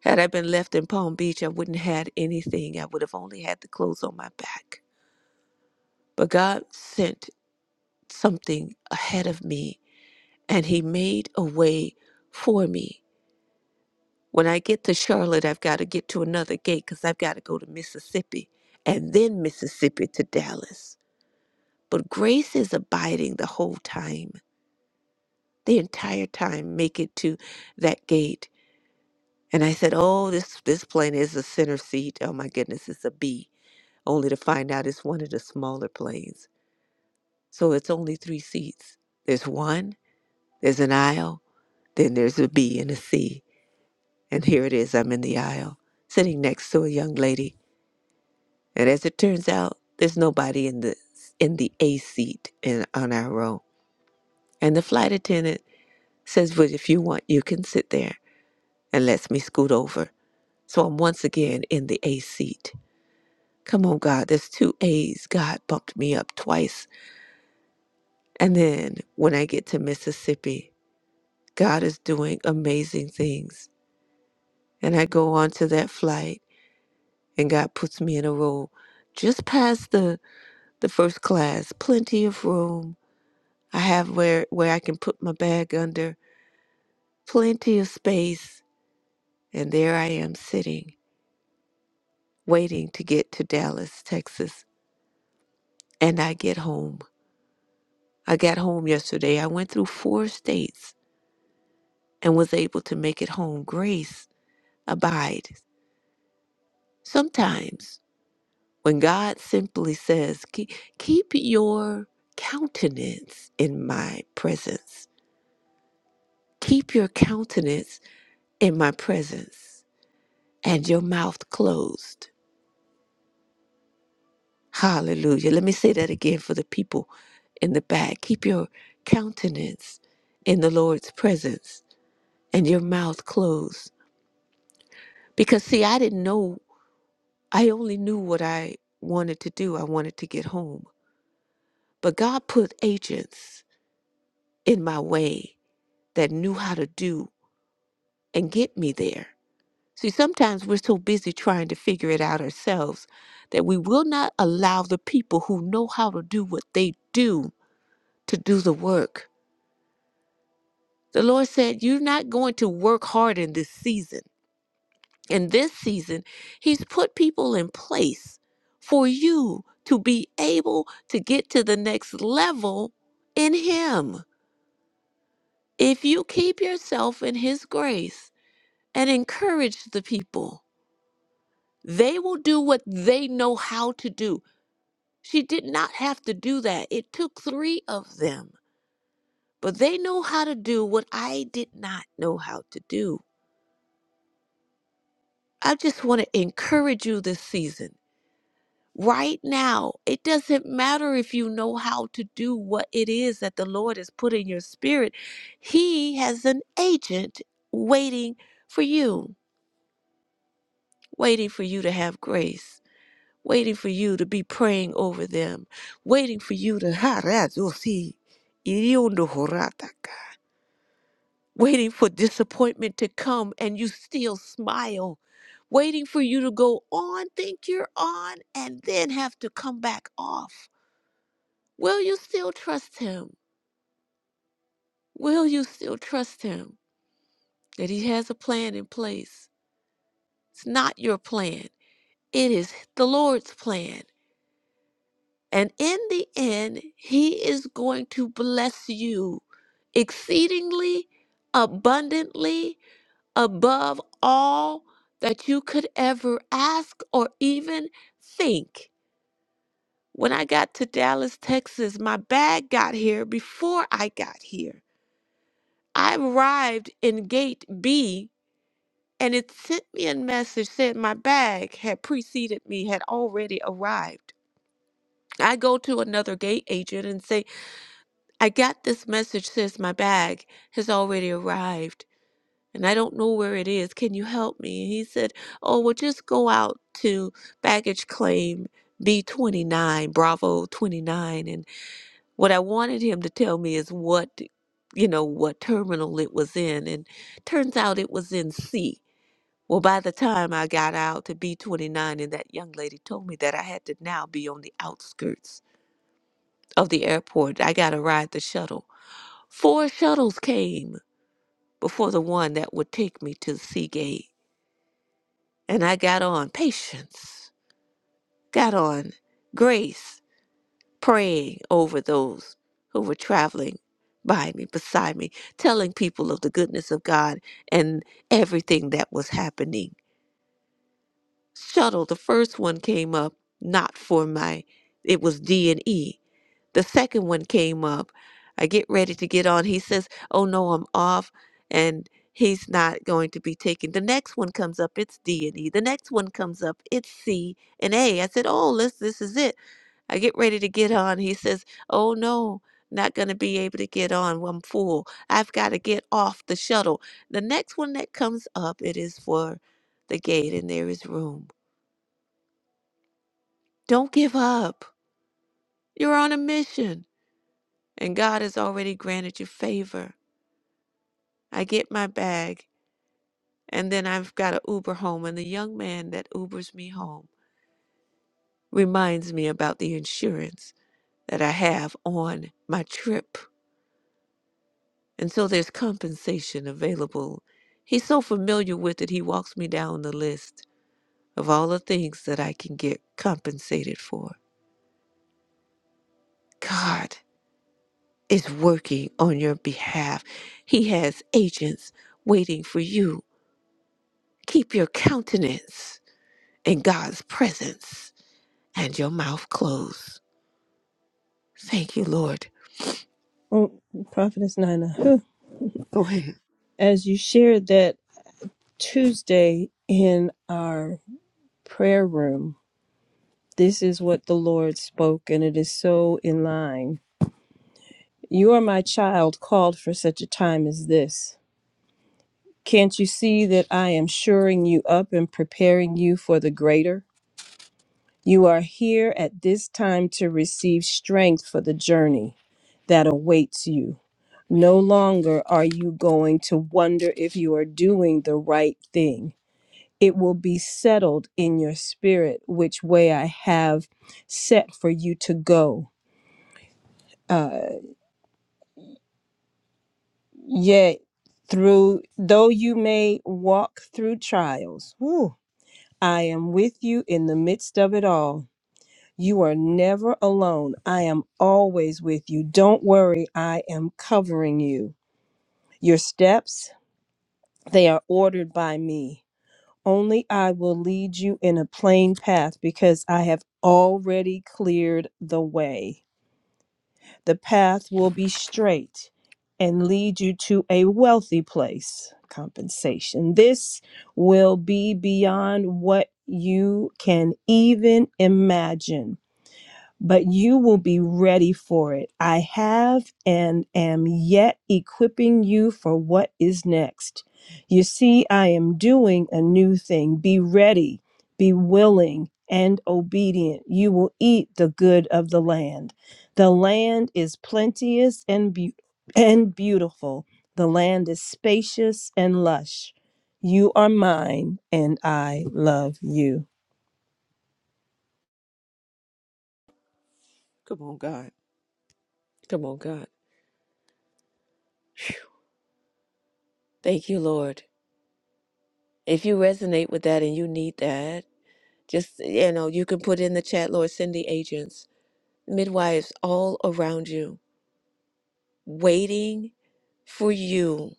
Had I been left in Palm Beach, I wouldn't have had anything. I would have only had the clothes on my back. But God sent something ahead of me, and He made a way for me. When I get to Charlotte, I've got to get to another gate because I've got to go to Mississippi and then Mississippi to Dallas. But grace is abiding the whole time, the entire time, make it to that gate. And I said, Oh, this, this plane is a center seat. Oh my goodness, it's a B only to find out it's one of the smaller planes. So it's only three seats. There's one, there's an aisle, then there's a B and a C. And here it is, I'm in the aisle, sitting next to a young lady. And as it turns out, there's nobody in the in the A seat in on our row. And the flight attendant says, Well, if you want, you can sit there and lets me scoot over. So I'm once again in the A seat. Come on, God, there's two A's. God bumped me up twice And then when I get to Mississippi, God is doing amazing things. And I go on to that flight, and God puts me in a row just past the, the first class, plenty of room. I have where, where I can put my bag under, plenty of space. And there I am sitting, waiting to get to Dallas, Texas. And I get home. I got home yesterday. I went through four states and was able to make it home. Grace abides sometimes When God simply says, keep, keep your countenance in my presence, keep your countenance in my presence and your mouth closed. Hallelujah. Let me say that again for the people in the back. Keep your countenance in the Lord's presence and your mouth closed. Because, see, I didn't know, I only knew what I wanted to do. I wanted to get home. But God put agents in my way that knew how to do and get me there. See, sometimes we're so busy trying to figure it out ourselves that we will not allow the people who know how to do what they do to do the work. The Lord said, You're not going to work hard in this season. In this season, He's put people in place for you to be able to get to the next level in Him. If you keep yourself in His grace and encourage the people, They will do what they know how to do. She did not have to do that. It took three of them, but they know how to do what I did not know how to do. I just want to encourage you this season. Right now, it doesn't matter if you know how to do what it is that the Lord has put in your spirit. He has an agent waiting for you, waiting for you to have grace waiting for you to be praying over them, waiting for you to (laughs) harazosi iriondo horataka, waiting for disappointment to come and you still smile, waiting for you to go on, think you're on, and then have to come back off. Will you still trust him? Will you still trust him that he has a plan in place? It's not your plan. It is the Lord's plan. And in the end, he is going to bless you exceedingly, abundantly, above all that you could ever ask or even think. When I got to Dallas, Texas, my bag got here before I got here. I arrived in gate B and it sent me a message saying my bag had preceded me, had already arrived. I go to another gate agent and say, I got this message says my bag has already arrived and I don't know where it is. Can you help me? And he said, Oh, well, just go out to baggage claim B29, Bravo 29. And what I wanted him to tell me is what, you know, what terminal it was in. And turns out it was in C. Well, by the time I got out to B29, and that young lady told me that I had to now be on the outskirts of the airport, I got to ride the shuttle Four shuttles came before the one that would take me to the sea gate, and I got on patience, got on grace, praying over those who were traveling by me, beside me, telling people of the goodness of God and everything that was happening. Shuttle, the first one came up, not for my, it was D and E the second one came up. I get ready to get on. He says, Oh no, I'm off and he's not going to be taking The next one comes up, it's D and E. The next one comes up, it's C and A. I said, Oh, this this is it. I get ready to get on. He says, Oh no, not gonna be able to get on. I'm full. I've got to get off the shuttle. The next one that comes up, it is for the gate and there is room. Don't give up. You're on a mission and God has already granted you favor. I get my bag, and then I've got an Uber home. And the young man that Ubers me home reminds me about the insurance that I have on my trip. And so there's compensation available. He's so familiar with it, he walks me down the list of all the things that I can get compensated for. God is working on your behalf. He has agents waiting for you. Keep your countenance in God's presence and your mouth closed. Thank you, Lord.
Oh, Prophetess Nina, whew.
Go ahead.
as you shared that Tuesday in our prayer room, this is what the Lord spoke, and it is so in line. You are my child, called for such a time as this. Can't you see that I am shoring you up and preparing you for the greater? You are here at this time to receive strength for the journey that awaits you. No longer are you going to wonder if you are doing the right thing. It will be settled in your spirit which way I have set for you to go. Uh, yet, through though you may walk through trials, whew, I am with you in the midst of it all. You are never alone. I am always with you. Don't worry, I am covering you. Your steps, they are ordered by me. Only I will lead you in a plain path because I have already cleared the way. The path will be straight and lead you to a wealthy place. Compensation. This will be beyond what you can even imagine but you will be ready for it. I have and am yet equipping you for what is next. You see, I am doing a new thing. Be ready, be willing, and obedient. You will eat the good of the land. The land is plenteous and, beau and beautiful, the land is spacious and lush. You are mine, and I love you.
Come on, God. Come on, God. Thank you, Lord. If you resonate with that and you need that, just, you know, you can put in the chat, Lord, send the agents, midwives all around you, waiting for you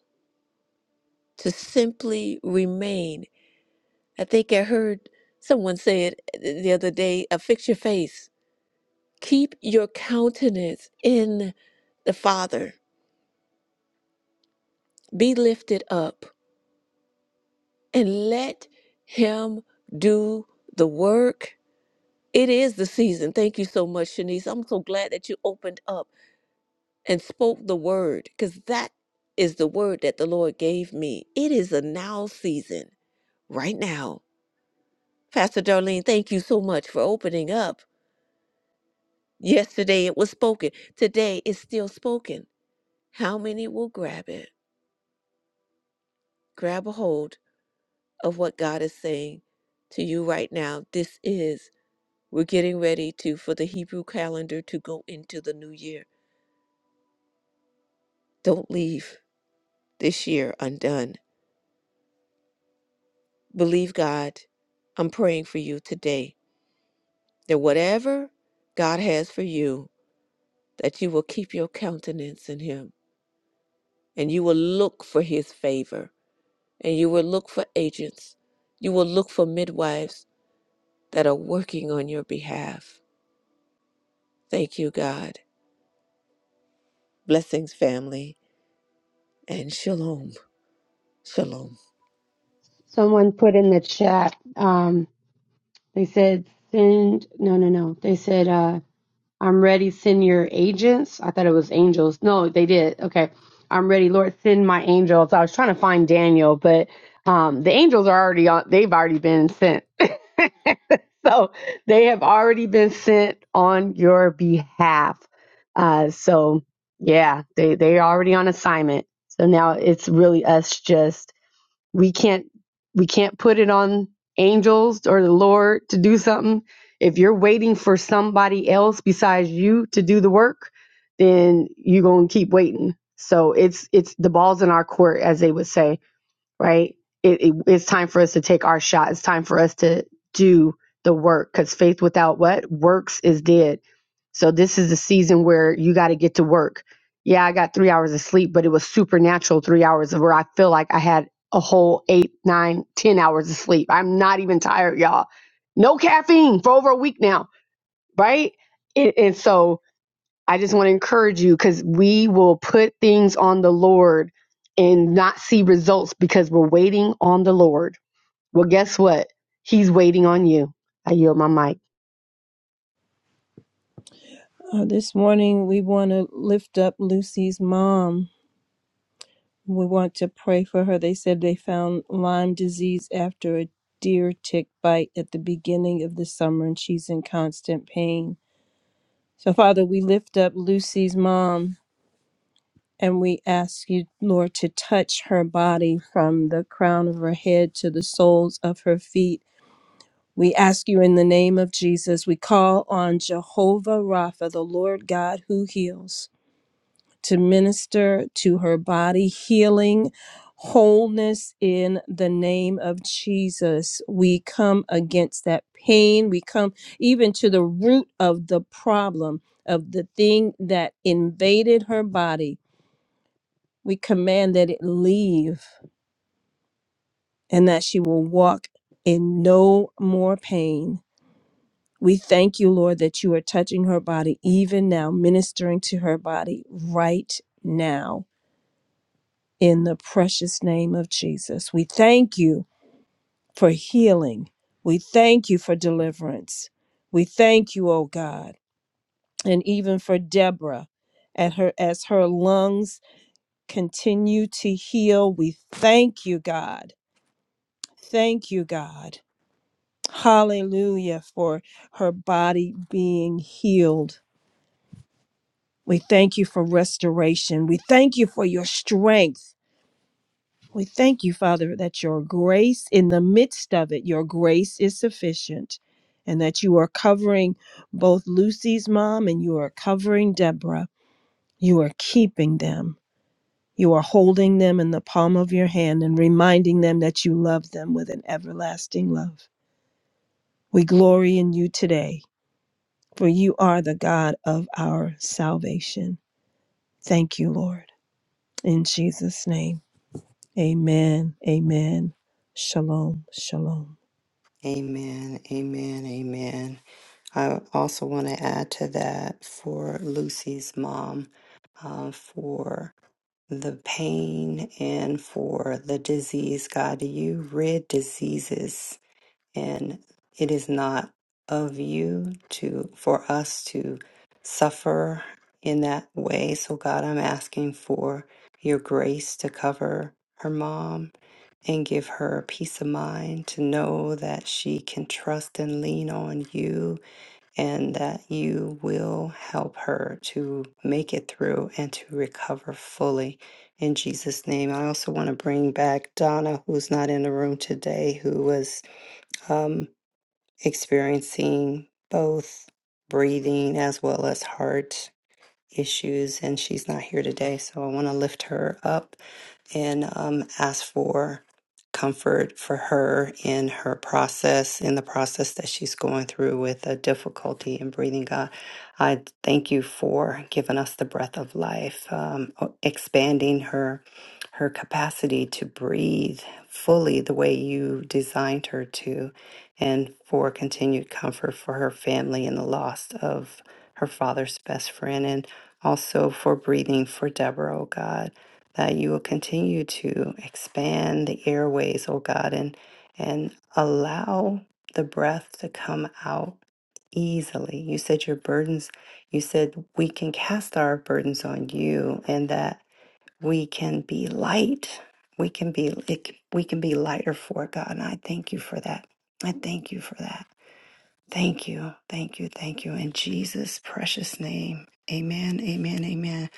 to simply remain. I think I heard someone say it uh, the other day uh, fix your face, keep your countenance in the Father, be lifted up. and let him do the work. It is the season. Thank you so much, Shanice. I'm so glad that you opened up and spoke the word because that is the word that the Lord gave me. It is a now season, right now. Pastor Darlene, thank you so much for opening up. Yesterday it was spoken, today it's still spoken. How many will grab it? Grab a hold of what God is saying to you right now. This is. We're getting ready to for the Hebrew calendar to go into the new year. Don't leave this year undone. Believe God. I'm praying for you today that whatever God has for you, that you will keep your countenance in him and you will look for his favor and you will look for agents. You will look for midwives that are working on your behalf. Thank you, God. Blessings, family, and shalom. Shalom.
Someone put in the chat, um, they said, send, no, no, no. They said, uh, I'm ready. Send your agents. I thought it was angels. No, they did. Okay. I'm ready. Lord, send my angels. I was trying to find Daniel, but um, the angels are already on. They've already been sent. (laughs) so they have already been sent on your behalf. Uh, so yeah, they, they are already on assignment. So now it's really us just we can't we can't put it on angels or the lord to do something if you're waiting for somebody else besides you to do the work then you're going to keep waiting so it's it's the balls in our court as they would say right? It, it, it's time for us to take our shot. It's time for us to do the work because faith without what? Works is dead. So this is the season where you got to get to work. Yeah, I got three hours of sleep, but it was supernatural three hours of where I feel like I had a whole eight, nine, ten hours of sleep. I'm not even tired, y'all. No caffeine for over a week now, right? And, and so I just want to encourage you because we will put things on the Lord and not see results because we're waiting on the Lord. Well, guess what? He's waiting on you. I yield my mic.
Uh, this morning, we want to lift up Lucy's mom. We want to pray for her. They said they found Lyme disease after a deer tick bite at the beginning of the summer, and she's in constant pain. So, Father, we lift up Lucy's mom and we ask you, Lord, to touch her body from the crown of her head to the soles of her feet. We ask you in the name of Jesus, we call on Jehovah Rapha, the Lord God who heals. to minister to her body, healing, wholeness in the name of Jesus. We come against that pain. We come even to the root of the problem of the thing that invaded her body. We command that it leave and that she will walk in no more pain. We thank you, Lord, that you are touching her body even now, ministering to her body right now in the precious name of Jesus. We thank you for healing. We thank you for deliverance. We thank you, oh God, and even for Deborah at her as her lungs continue to heal. We thank you, God. Thank you, God. Hallelujah for her body being healed. We thank you for restoration. We thank you for your strength. We thank you, Father, that your grace in the midst of it, your grace is sufficient, and that you are covering both Lucy's mom and you are covering Deborah. You are keeping them. You are holding them in the palm of your hand and reminding them that you love them with an everlasting love. We glory in you today, for you are the God of our salvation. Thank you, Lord. In Jesus' name, amen. Amen. Shalom. Shalom.
Amen. Amen. Amen. I also want to add to that for Lucy's mom, uh, for the pain and for the disease, God. You rid diseases, and it is not of you to for us to suffer in that way. So, God, I'm asking for your grace to cover her mom and give her peace of mind to know that she can trust and lean on you and that you will help her to make it through and to recover fully in Jesus' name. I also want to bring back Donna, who's not in the room today, who was um, experiencing both breathing as well as heart issues, and she's not here today. So I want to lift her up and um, ask for comfort for her in her process, in the process that she's going through with a difficulty in breathing. God, I thank you for giving us the breath of life, um, o- expanding her her capacity to breathe fully the way you designed her to, and for continued comfort for her family and the loss of her father's best friend and also for breathing for Deborah, oh God that you will continue to expand the airways, oh God, and and allow the breath to come out easily. You said your burdens, you said we can cast our burdens on you and that we can be light. We can be it, c- we can be lighter for it, God. And I thank you for that. I thank you for that. Thank you. Thank you. Thank you. In Jesus' precious name. Amen. Amen. Amen.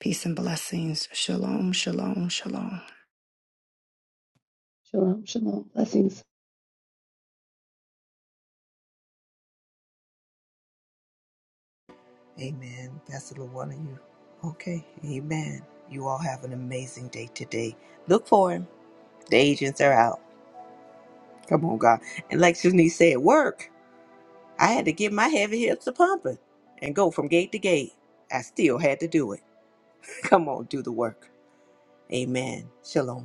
Peace and blessings. Shalom. Shalom. Shalom.
Shalom, shalom. Blessings.
And you all have an amazing day today. Look for him. The agents are out. Come on, God. And like Shanice said, work. I had to get my heavy hips a pumping and go from gate to gate. I still had to do it. (laughs) Come on, do the work. Amen. Shalom.